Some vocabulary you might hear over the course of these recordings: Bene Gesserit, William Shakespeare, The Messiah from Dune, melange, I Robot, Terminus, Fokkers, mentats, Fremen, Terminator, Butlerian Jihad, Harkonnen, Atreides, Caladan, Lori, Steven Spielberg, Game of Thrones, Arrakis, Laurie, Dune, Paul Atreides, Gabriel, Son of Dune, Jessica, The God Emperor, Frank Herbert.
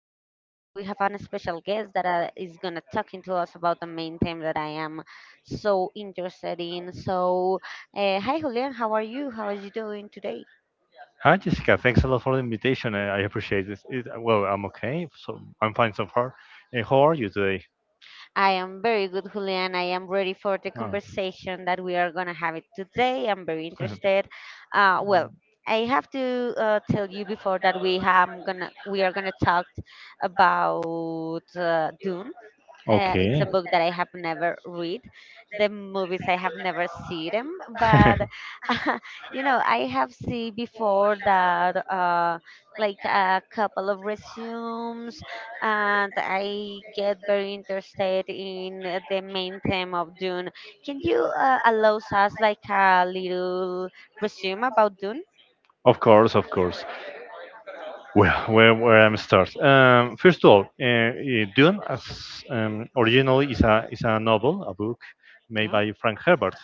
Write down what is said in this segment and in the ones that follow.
Today we have an special guest that is gonna talking to us about the main theme that I am so interested in. So, hi Julian, how are you? How are you doing today? Hi, Jessica. Thanks a lot for the invitation. I appreciate this. It, well, I'm okay. So I'm fine so far. And how are you today? I am very good, Julian. I am ready for the Oh. conversation that we are gonna have it today. I'm very interested. Well, I have to tell you before that we are gonna talk about Dune. It's a Okay. book that I have never read. The movies I have never seen them, but you know I have seen before that like a couple of resumes, and I get very interested in the main theme of Dune. Can you allow us like a little resume about Dune? Of course, of course. Well, where I'm start. First of all, Dune as originally is a novel, a book made Yeah, by Frank Herbert.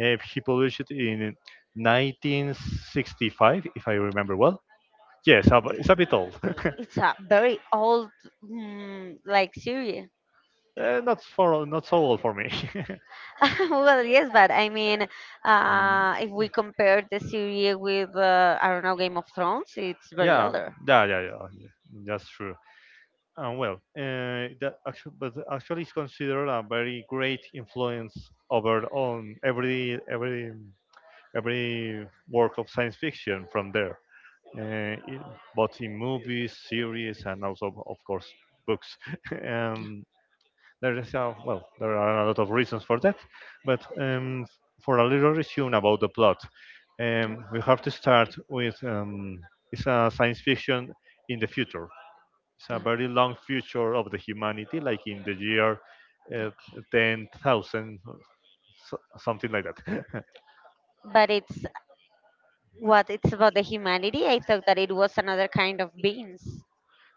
Eh, he published it in 1965, if I remember well. Yes, it's a bit old. it's a very old, like, series. Eh, not so old for me. Well, yes, but I mean, Mm, if we compare the series with, I don't know, Game of Thrones, it's very yeah, older. yeah, that's true. And well, but actually is considered a very great influence over on every work of science fiction from there. Uh, in, Both in movies, series, and also of course books. Yeah, um, there is there are a lot of reasons for that, but for a little resume about the plot, yeah, we have to start with it's a science fiction in the future, it's a yeah. very long future of the humanity, like in the year uh, 10,000, something like that. But it's what it's about the humanity. I thought that it was another kind of beings.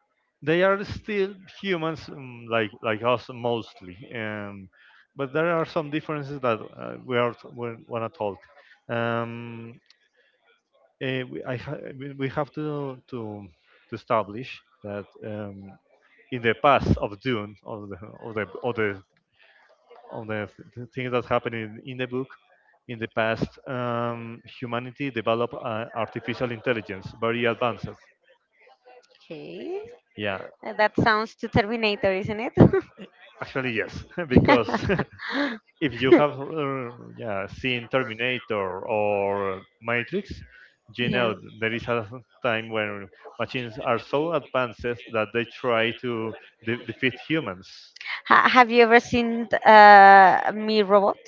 They are still humans, like us mostly, but there are some differences that we want to talk. Um, eh, we, I ha- we have to establish that in the past of Dune, of on the, the things that happened in the book. In the past, humanity developed artificial intelligence, very advanced. Okay. Yeah, That sounds to Terminator, isn't it? actually yes, because if you have seen Terminator or Matrix, you Yeah. know there is a time when machines are so advanced that they try to defeat humans. Have you ever seen Me Robot?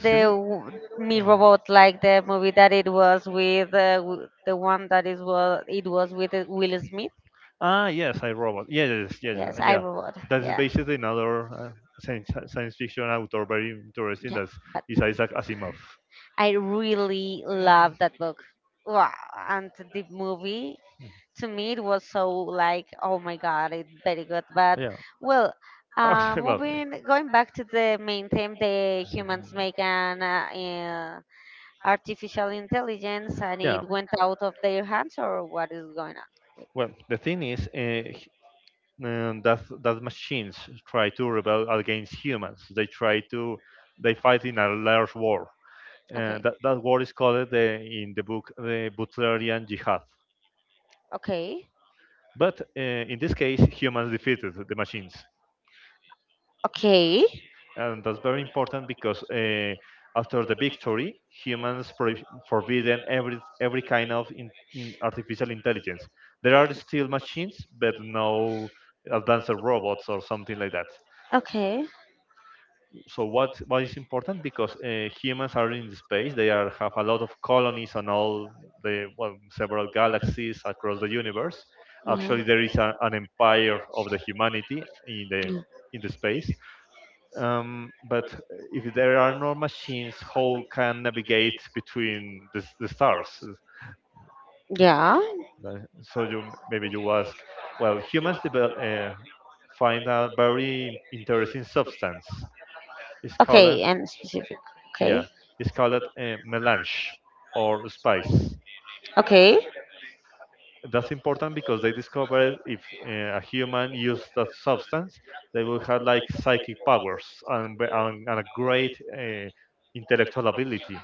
the me? w- Me Robot, like the movie that it was with the one that is, well, it was with Will Smith. Ah, yes, I Robot. Yes, yes, Yes, yes, I yeah. Robot. That is Yeah, basically another science fiction author, very interesting. yeah. That But is Isaac Asimov. I really love that book. Wow, and the movie Hmm. to me it was so like, oh my god, it's very good. But, Yeah. well, Okay, well. Mhm. moving going back to the main theme, the humans make an uh, artificial intelligence, and Yeah. it went out of their hands, or what is going on? Well, the thing is, h- that machines try to rebel against humans. They try to, they fight in a large war. Uh, Okay. that that war is called, the, in the book, the Butlerian Jihad. Okay. But in this case, humans defeated the machines. Okay. And that's very important because after the victory, humans forbidden every kind of in artificial intelligence. There are still machines, but no advanced robots or something like that. Okay. So what is important because humans are in space. They are have a lot of colonies on several galaxies across the universe. Yeah. Actually, there is an empire of the humanity Mm. in the space, but if there are no machines, how can navigate between the stars? Yeah. So you, maybe you ask, well, humans develop, find a very interesting substance. It's Okay. called And specific. Okay. yeah, it's called melange or spice. Okay. That's important because they discovered if a human used that substance, they will have like psychic powers and, and a great intellectual ability.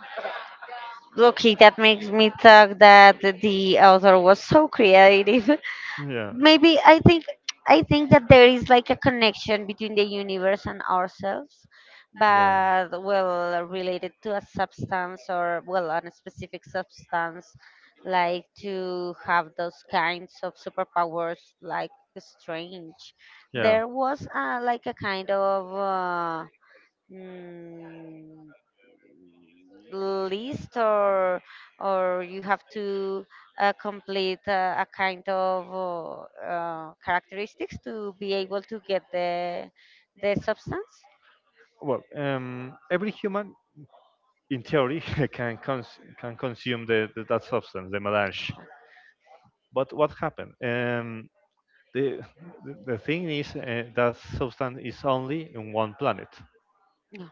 Okay. That makes me think that the author was so creative. Yeah. Maybe I think that there is like a connection between the universe and ourselves, but, well, related to a substance, or, well, on a specific substance, like to have those kinds of superpowers, like strange. Yeah. There was like a kind of mm, list, or you have to complete a kind of characteristics to be able to get the substance. Well, every human, in theory, can consume the that substance, the melange. But what happened? Um, the the thing is that substance is only in one planet. Yeah.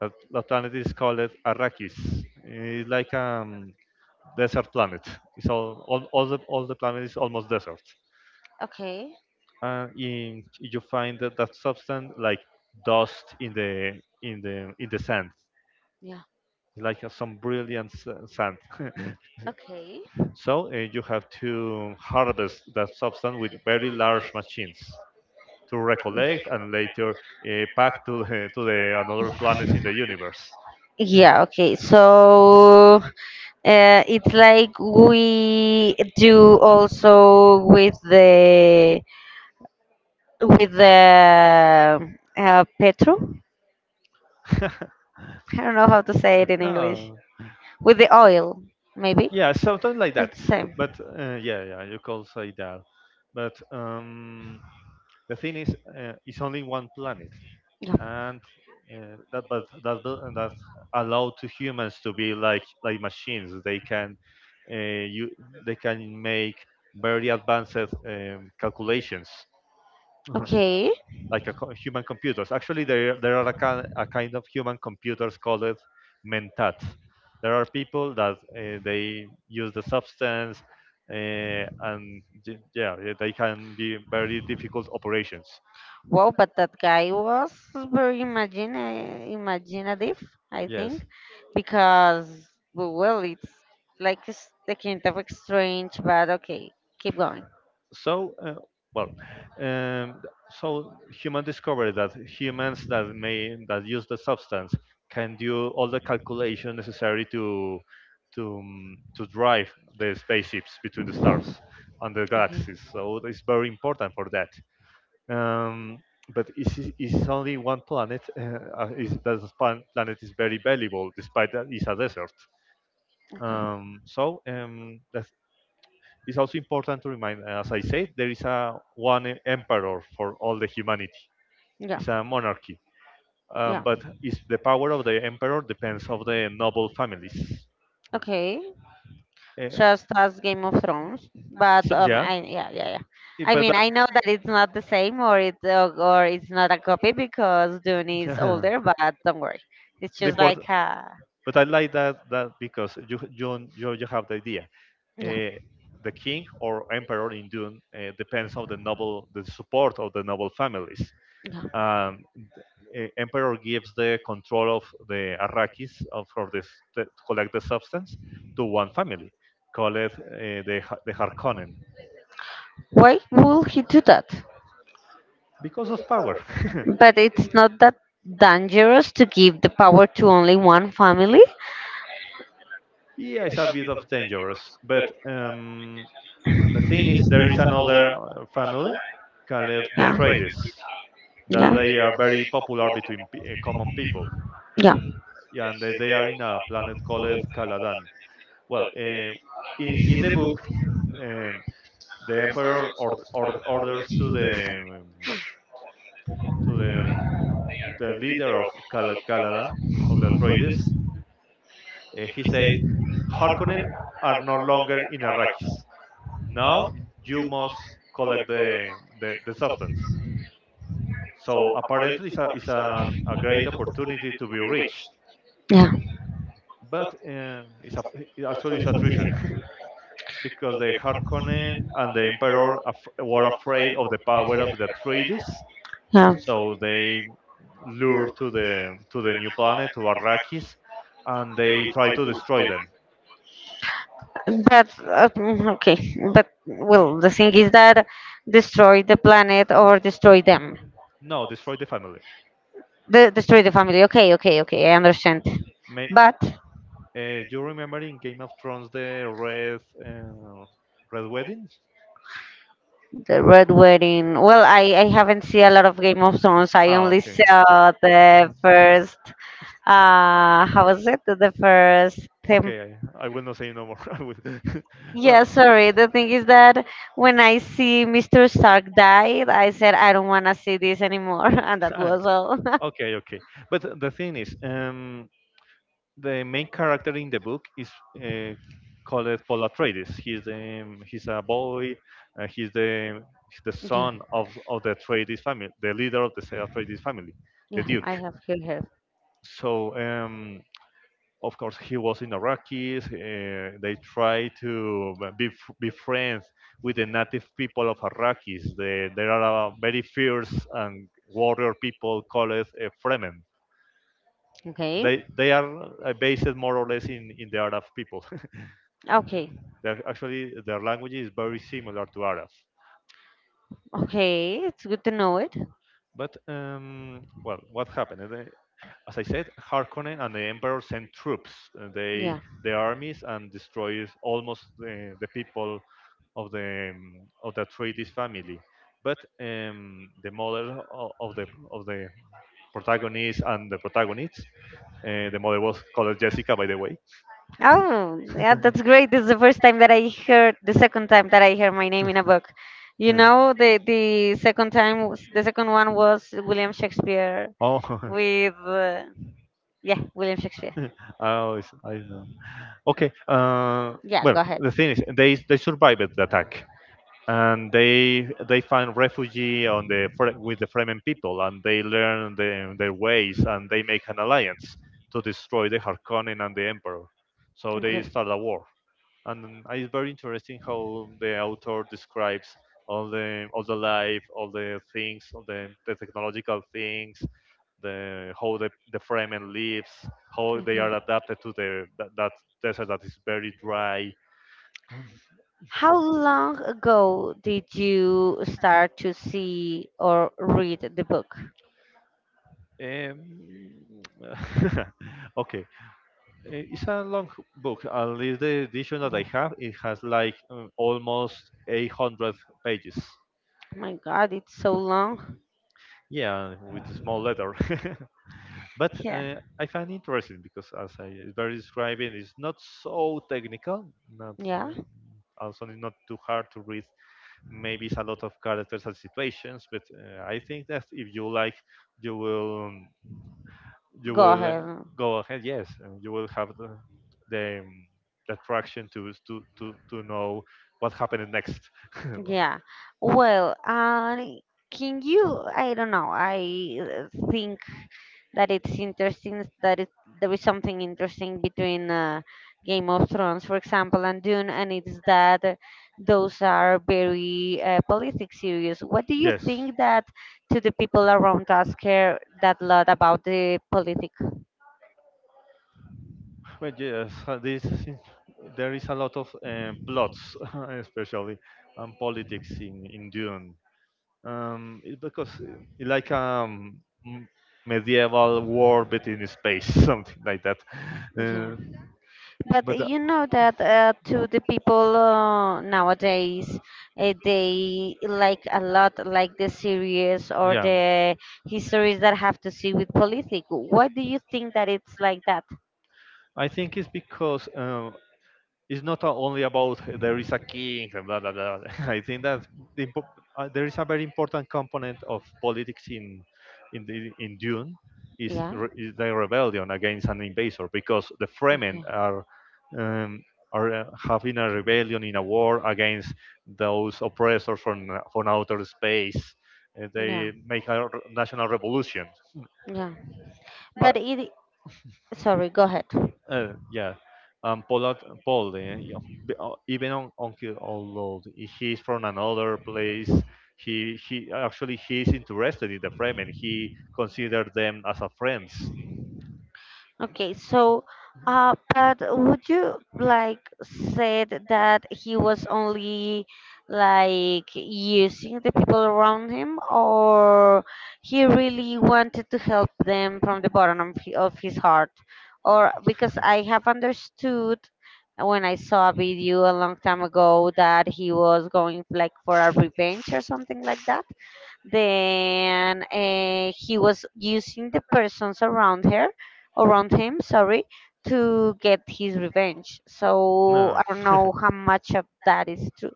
That planet is called Arrakis. It's like a desert planet. It's all the planet is almost desert. Okay. In, you find that substance like dust in the in the in the sand, Yeah. like some brilliant sand. Okay. So you have to harvest that substance with very large machines to recollect and later pack to the another planets in the universe. Yeah. Okay, so it's like we do also with the, with the petro, I don't know how to say it in english, No, with the oil, maybe. yeah, something like It's that. the same. But yeah, yeah, you could say that. But the thing is, it's only one planet, Yeah. and that but that bu- that allowed to humans to be like machines. They can you they can make very advanced calculations. Okay. Like a human computers. Actually, there are a kind of human computers called mentats. There are people that they use the substance, yeah, they can be very difficult operations. Wow, but that guy was very imaginative, I Yes. think, because, well, it's like it's the kind of strange, but okay, keep going. So, well, um, so human discovery that humans that may that use the substance can do all the calculation necessary to to drive the spaceships between the stars and the Okay. galaxies. So it's very important for that. Um, but it's only one planet. That planet is very valuable, despite that it's a desert. Okay. So that's It's also important to remind, as I said, there is a one emperor for all the humanity. Yeah. It's a monarchy, Yeah. but it's the power of the emperor depends of the noble families. Okay. Uh, Just as Game of Thrones, but so, yeah, I yeah, yeah, yeah. it- I but mean, that. I know that it's not the same, or it or it's not a copy because Dune is Yeah. older. But don't worry, it's The just important, like but I like that that because you have the idea. yeah Uh, the king or emperor in Dune depends on the noble the support of the noble families. yeah. Um, the, emperor gives the control of the Arrakis of for this to collect the substance to one family, called the Harkonnen. Why will he do that? Because of power. But it's not that dangerous to give the power to only one family. Yeah, it's a bit of dangerous, but the thing is, there is another family called the Atreides that Yeah, they are yeah, very popular between common people, yeah. yeah, and they are in a planet called Caladan. Well, in the book, um, the emperor orders to the to the leader of Caladan, of the Atreides. Uh, he said, "Harkonnen are no longer in Arrakis. Now you must collect the substance." So apparently, it's a great opportunity to be rich, Yeah, but it actually it's a. Because the Harkonnen and the Emperor were afraid of the power of the treaties, yeah. so they lure to the new planet to Arrakis, and they try to destroy them. But okay, but, well, N- the thing is that, destroy the planet or destroy them, No, destroy the family. the, destroy the family. Okay, okay, okay, I understand. May, But you remember in Game of Thrones the red red wedding? the Red Wedding. Well, I haven't seen a lot of Game of Thrones. I Ah, only okay. saw the first. How was it? The first temp. Okay, I will not say no more. I will. Yeah, Well. sorry. The thing is that when I see Mr. Stark died, I said I don't wanna see this anymore, and that Okay, was all. okay, okay. But the thing is, the main character in the book is uh, called Paul Atreides. He's a boy. Uh, he's the he's the Yeah. son of the Atreides family, the leader of the Atreides family, the Yeah, I Duke. have here, here. So of course he was in Arrakis. They try to be friends with the native people of Arrakis. They, there are very fierce and warrior people called Fremen. Okay. They are based more or less in the Arab people. Okay. They're actually, their language is very similar to Arab. Okay. It's good to know it. But well, what happened? They- As I said, Harkonnen and the Emperor sent troops, they Yeah. their armies, and destroys almost the people of the Atreides family. But um, the mother o- of the of the protagonist and the protagonists, the mother was called Jessica, by the way. Oh, yeah, that's great. This is the first time that I heard, the second time that I heard my name in a book. You You know, know, the second time, the second one was William Shakespeare oh, with, yeah, William Shakespeare. oh, I know. Okay. Yeah, Well, go ahead. the thing is, they survived the attack and they find refugee on the with the Fremen people, and they learn their ways, and they make an alliance to destroy the Harkonnen and the Emperor. So they Okay. start a war, and it's very interesting how the author describes all the life, all the things, the technological things, the how the Fremen lives, how they Mhm. are adapted to that desert that is very dry. How long ago did you start to see or read the book? Um, okay. It's a long book. At least the edition that I Yeah. have, it has like almost 800 pages. Oh my God, it's so long. Yeah, with a small letter. But Yeah. I find interesting because, as I it's very describing, it's not so technical. Not Yeah. Also not too hard to read. Maybe it's a lot of characters and situations, but I think that if you like, you will. Mm, you Go will ahead. go ahead yes and you will have the, um, the attraction to to know what happened next. Yeah. Well, can you? I don't know. I think that it's interesting that it there is something interesting between, Game of Thrones, for example, and Dune, and it's that those are very politic series. What do you Yes. think that to the people around us care that lot about the politic? Well, yes, there is a lot of plots, especially and politics in Dune. It's because it's like a medieval war but in space, something like that. Yeah. Uh, But but you know that to the people nowadays, they like a lot like the series or yeah, the histories that have to see with politics. Why do you think that it's like that? I think it's because it's not a- only about there is a king and blah blah blah. I think that the impo- there is a very important component of politics in in Dune is, Yeah. Is the rebellion against an invader because the Fremen Okay. Um, are having a rebellion in a war against those oppressors from outer space. Yeah. They make a national revolution. Yeah. But it. Sorry. Go ahead. Yeah. Um, Paul, Paul, even on Uncle, although he's from another place, he actually he's interested in the Fremen. He considered them as a friends. Okay, so but would you like said that he was only like using the people around him, or he really wanted to help them from the bottom of of his heart? Or because I have understood when I saw a video a long time ago that he was going like for a revenge or something like that. Then he was using the persons around her, around him, sorry, to get his revenge. So No. I don't know how much of that is true.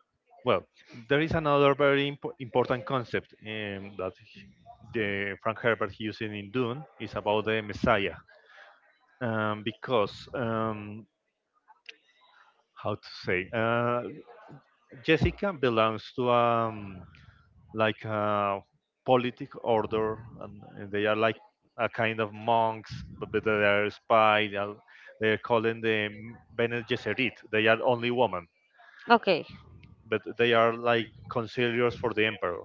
Well, there is another important concept that the Frank Herbert using in Dune is about the Messiah, because how to say Jessica belongs to like a politic order, and they are like a kind of monks, but they are spy. They are calling them Bene Gesserit. They are only women, Okay, but they are like conciliars for the emperor.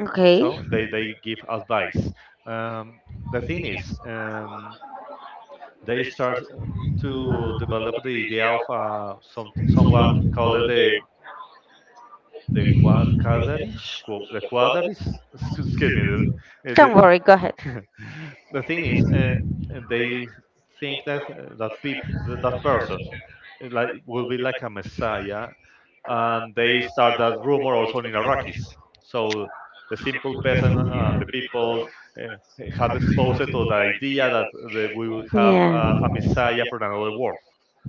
okay. So they give advice. Um, the thing is, they start to develop the idea of someone called the quad the quadratic. Excuse me, the, Don't worry, go ahead. the thing is, and they think that that people that that person like will be like a messiah, and they start that rumor also in Iraqis. So the simple peasant and the people uh, had exposed to the idea that they will have Yeah. A messiah from another world.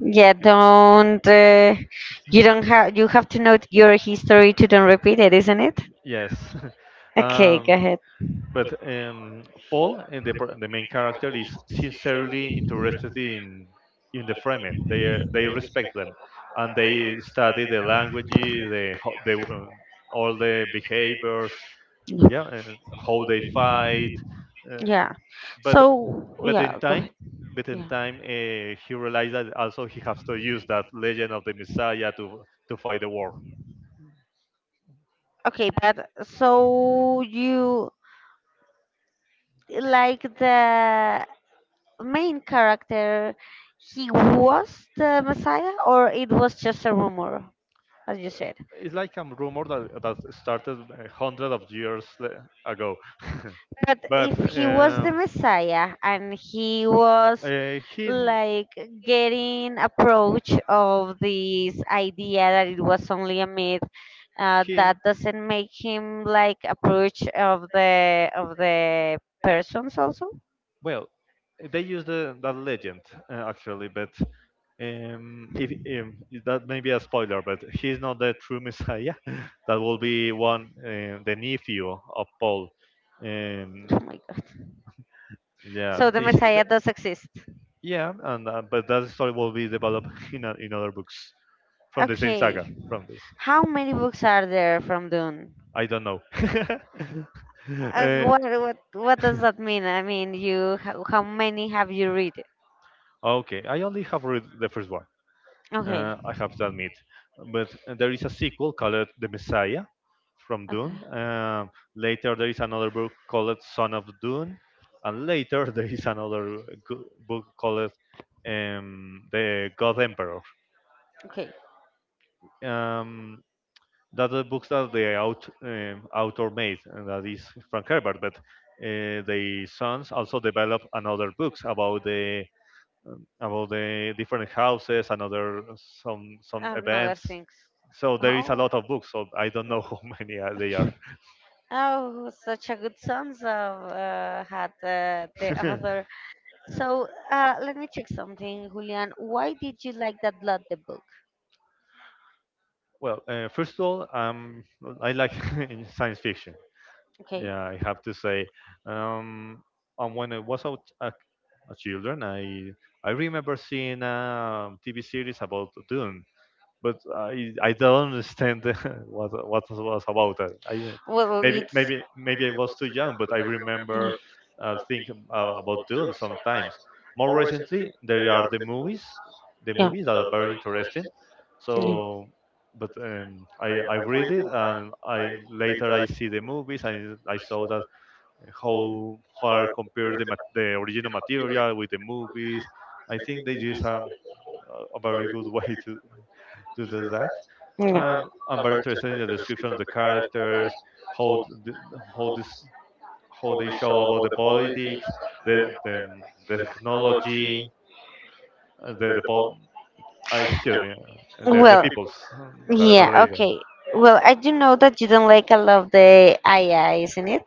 Yeah, don't you Mhm. don't have, you have to know your history to don't repeat it, isn't it? Yes. Okay, go um, ahead. But Paul and the main character is sincerely interested in the Fremen. They respect them, and they study the languages, the ho- the all the behaviors, yeah, and how they fight. Uh, Yeah. but So, but in yeah, go ahead. time, but in Yeah. time, he realized that also he has to use that legend of the Messiah to fight the war. Okay, but so you, like, the main character, he was the Messiah, or it was just a rumor, as you said? It's like a rumor that that started hundred of years ago. But But if he was the Messiah and he was uh, he like getting approach of this idea that it was only a myth, he that doesn't make him like approach of the persons also. Well, they use the that legend actually, but if um, that may be a spoiler, but he's not the true Messiah. That will be one, the nephew of Paul. Um, Oh my god! yeah, So the Messiah does exist. yeah, and but that story will be developed in a, in other books from the same Okay, saga from this. how many books are there from Dune? I don't know. Uh, What does that mean? I mean, how many have you read? okay, I only have read the first one. Okay, I have to admit, but there is a sequel called The Messiah from okay, Dune. Later there is another book called Son of Dune, and later there is another book called The God Emperor. okay. Um, that's the books that author made, and that is Frank Herbert. But the sons also developed another books about the different houses, another some I don't know other events. things. So there is a Oh, lot of books. So I don't know w- how many they are. oh, such a good songs of had the author. So let me check something, Julian. Why did you like that lot the book? Well, first of all, I like in science fiction. Okay. Yeah, I have to say. Um, and when I was out a as children. I remember seeing a TV series about Dune, but I don't understand what it was about. I Well, maybe it's maybe maybe I was too young, but I remember thinking about Dune sometimes. More recently, there are the yeah. Yeah. movies that are very interesting. So, but I read it and I later I see the movies and I saw that how are compare the original material with the movies. I think they did some a very good way to do that. Yeah. And I'm very interested in the description of the characters, how the, how this how they show about the politics, the the, the technology, uh, the the po- I excuse me, the Well, peoples that yeah, are later. okay. Well, I do know that you don't like a lot of the AI, isn't it?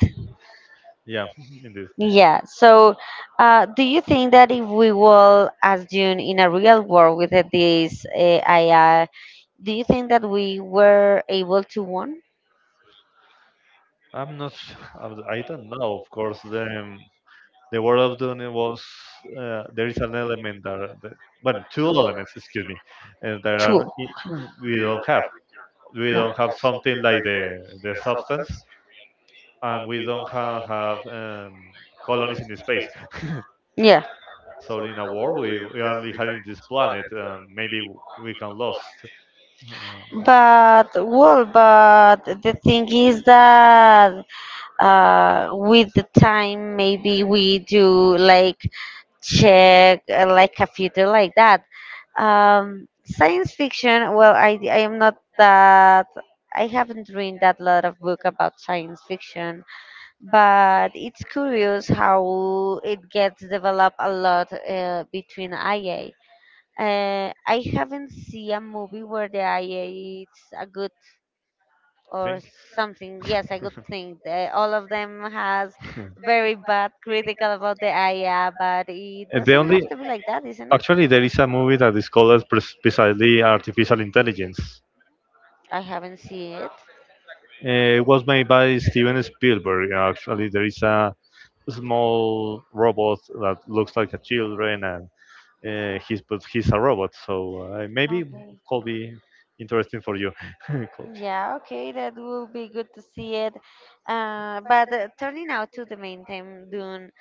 Yeah, indeed. Yeah. So, do you think that if we will assume in a real world with this AI, do you think that we were able to win? I'm not. I don't know. Of course, The War of Dune it was there is an element that well two elements excuse me and there are Two. We Yeah. don't have something like the substance and we don't have colonies in space. Yeah, So in a war, we only having this planet, maybe we can lost uh, but, well, but the thing is that with the time, maybe we do like check like a future like that. Science fiction. Well, I am not that. I haven't read that lot of book about science fiction, but it's curious how it gets developed a lot between IA. I haven't seen a movie where the IA is a good or think something. Yes, a good thing. All of them has very bad critical about the AI, but it And they doesn't only, have to be like that, isn't it? actually there is a movie that is called as precisely artificial intelligence. I haven't seen it. It was made by Steven Spielberg. Actually, there is a small robot that looks like a children, and he's a robot. So maybe Okay. could be interesting for you. Could- Yeah, okay, that will be good to see it. But turning now to the main theme, Dune,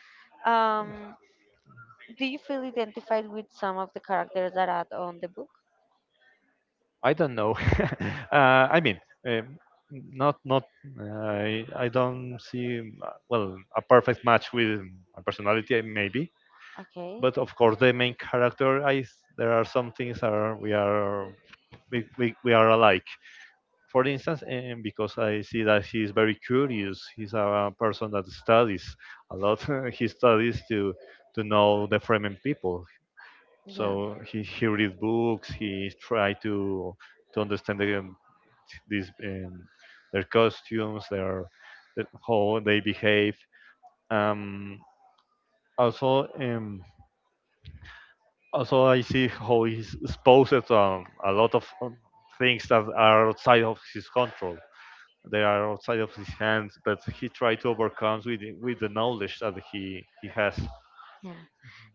um, do you feel identified with some of the characters that are on the book? I don't know. I mean. Um, not not I don't see well a perfect match with my personality maybe, Okay. but of course the main character I. There are some things are we are, we are alike for instance, and because I see that he is very curious. He's a person that studies a lot. He studies to know the Fremen people, Yeah, so he reads books. He try to understand the, these their costumes, their how they behave. um also um Also, I see how he's exposed a lot of things that are outside of his control. They are outside of his hands, but he tried to overcome with with the knowledge that he has. yeah.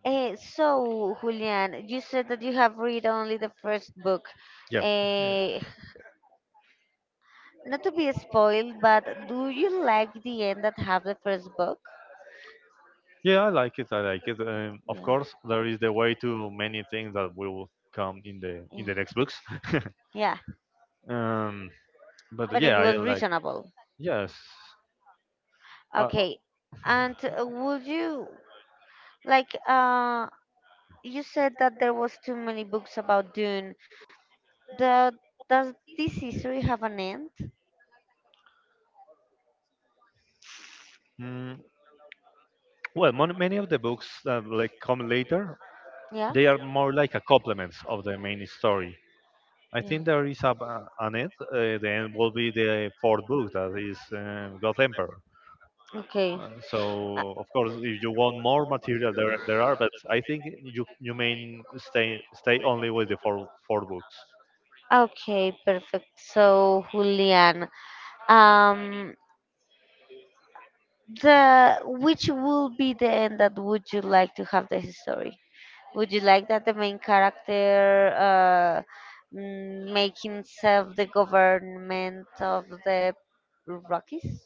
Eh, so, Julian, you said that you have read only the first book. Yeah, Eh, Not to be spoiled, but do you like the end that have the first book? yeah, I like it. I like it. Of Yeah, course, there is the way to many things that will come in yeah, the next books. yeah. um, but But it yeah, I was like. reasonable. Yes. Uh, Okay, and would you like? You said that there was too many books about Dune. The, does this history have an end? mm, well, many of the books that like come later, Yeah. they are more like a complements of the main story. I Yeah. think there is a, an end. The end will be the fourth book that is God Emperor. Okay. Uh, So of course, if you want more material, there are, but I think you you may stay only with the four books. Okay, perfect. So, Julian, um, the which will be the end that would you like to have the history? Would you like that the main character make himself the government of the Rockies?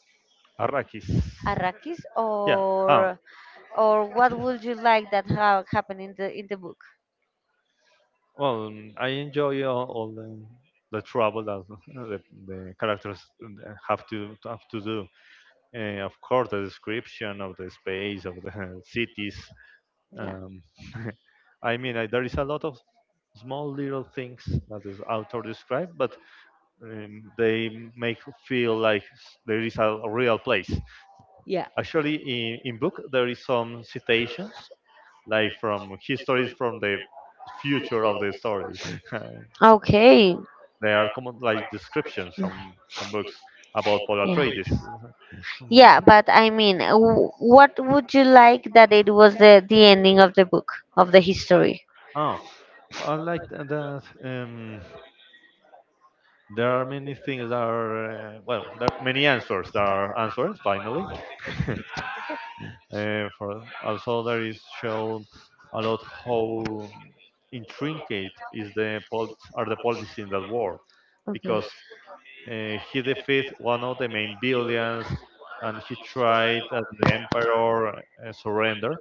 Arrakis. Arrakis, Yeah. Ah, or what would you like that have happen in the book? well, I enjoy all the trouble that the, the characters have to do. Of course, the description of the space of the cities. Yeah. Um, I mean, I, there is a lot of small little things that the author described, but they make feel like there is a real place. Yeah. Actually, in book there is some citations, like from histories from the future of the story. Okay. They are common like descriptions from books about Paul Yeah. Atreides. Hmm. Yeah, but I mean, what would you like that it was the ending of the book of the history? Oh, I like that. There are many things that are well, there are many answers that are answers finally. For also there is shown a lot how intricate is are the politics in that world, Okay. because he defeated one of the main villains and he tried as the emperor surrender,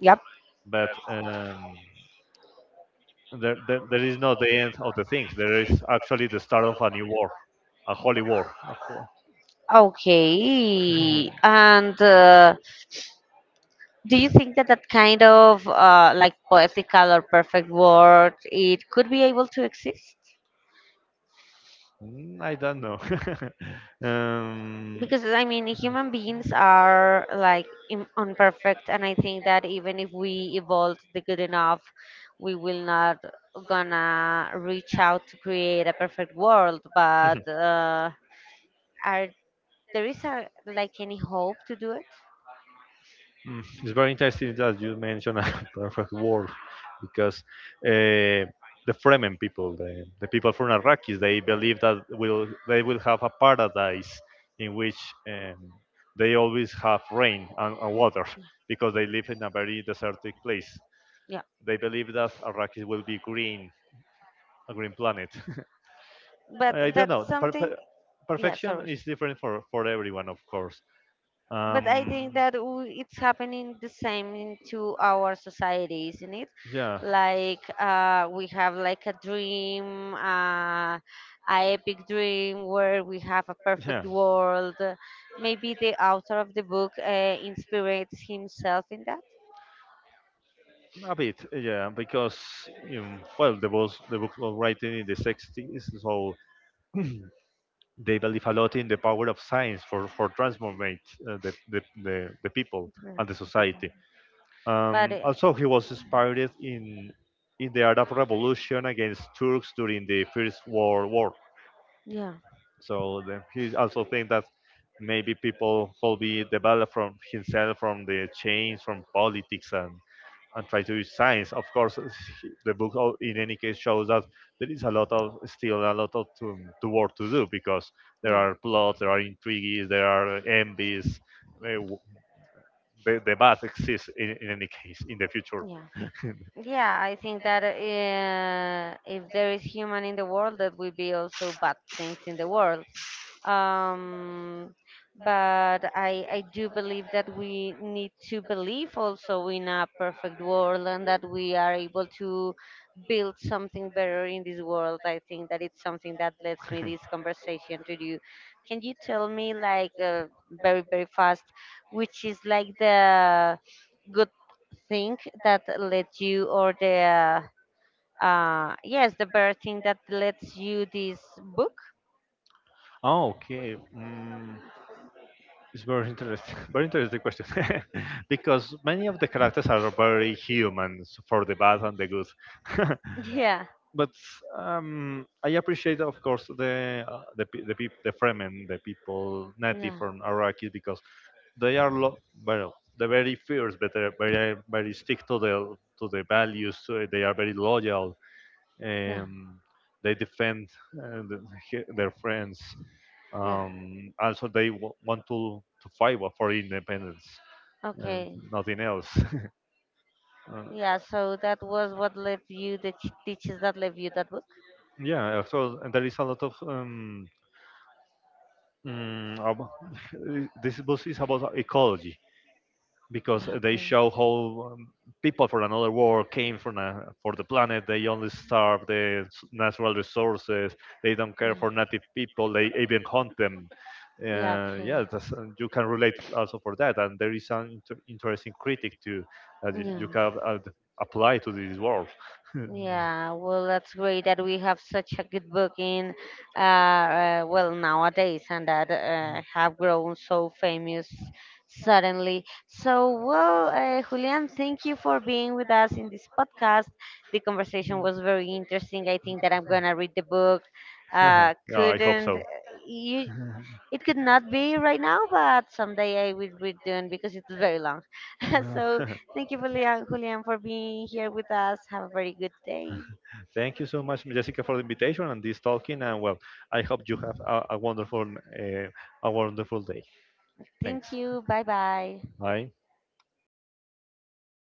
Yep. but there is not the end of the things. There is actually the start of a new war, a holy war a whole. Okay. And do you think that that kind of like poetical or perfect word it could be able to exist? Mm, I don't know. um, Because I mean, human beings are like imperfect, and I think that even if we evolve the good enough, we will not gonna reach out to create a perfect world. But are there is a like any hope to do it? It's very interesting that you mentioned a perfect world because uh, the Fremen people, the people from Arrakis, they believe that will they will have a paradise in which um, they always have rain and water, because they live in a very desertic place. Yeah, They believe that Arrakis will be green, a green planet. but I don't know. that's something. Yeah, Perfection sorry, is different for everyone, of course. but I Um, think that it's happening the same into our society, isn't it? yeah. Like, we have like a dream, a epic dream where we have a Yeah. perfect world. Maybe the author of the book inspires himself in that. A bit, yeah, because well, the book was writing in the 60s, so they believe a lot in the power of science for transformate the Yeah, people and the the people. society. But Also, he was inspired in the Arab Revolution against Turks during the First World War. yeah, So the, he also think that maybe people will be developed from himself from the change from politics and try to do science. Of course, the book in any case shows that there is a lot of still a lot of to work to do because there yeah, are plots, there are intrigues, there are envies. eh, w- the bad exists in any case in the future. yeah. Yeah, I think that if there is human in the world, that will be also bad things in the world. Um, but I do believe that we need to believe also in a perfect world and that we are able to build something better in this world. I think that it's something that lets me this conversation to you. Can you tell me, like, very, very fast, which is like the good thing that led you, or the yes, the very thing that lets you this book. Oh, okay. Mm, it's very interesting. Very interesting question. Because many of the characters are very humans for the bad and the good. Yeah, But I appreciate, of course, the Fremen, the people native yeah, from Arrakis, because they are lo- well, they're very fierce, but they're very stick to the values. They are very loyal. yeah, Um, they defend their friends. yeah, Also, they want to fight for independence and okay, nothing else. Uh, yeah. So that was what led you, the teachers that led you that book. yeah, so there is a lot of um, ab- this book is about ecology because Yeah, they okay, show how people from another world came from a, for the planet. They only starve the natural resources. They don't care yeah, for native people. They even hunt them. yeah, okay, Yeah, that's, you can relate also for that. And there is an interesting critic too that yeah. you can apply to this world. Yeah, well, that's great that we have such a good booking. Uh, well, nowadays, and that have grown so famous suddenly. So, well, Julian, thank you for being with us in this podcast. The conversation was very interesting. I think that I'm gonna read the book. Yeah, I hope Couldn't so. you? It could not be right now, but someday I will return because it's very long. Uh, So thank you, Julian, for being here with us. Have a very good day. Thank you so much, Jessica, for the invitation and this talking. And well, I hope you have a wonderful, uh, a wonderful day. Thanks. Thank you. Bye bye. Bye.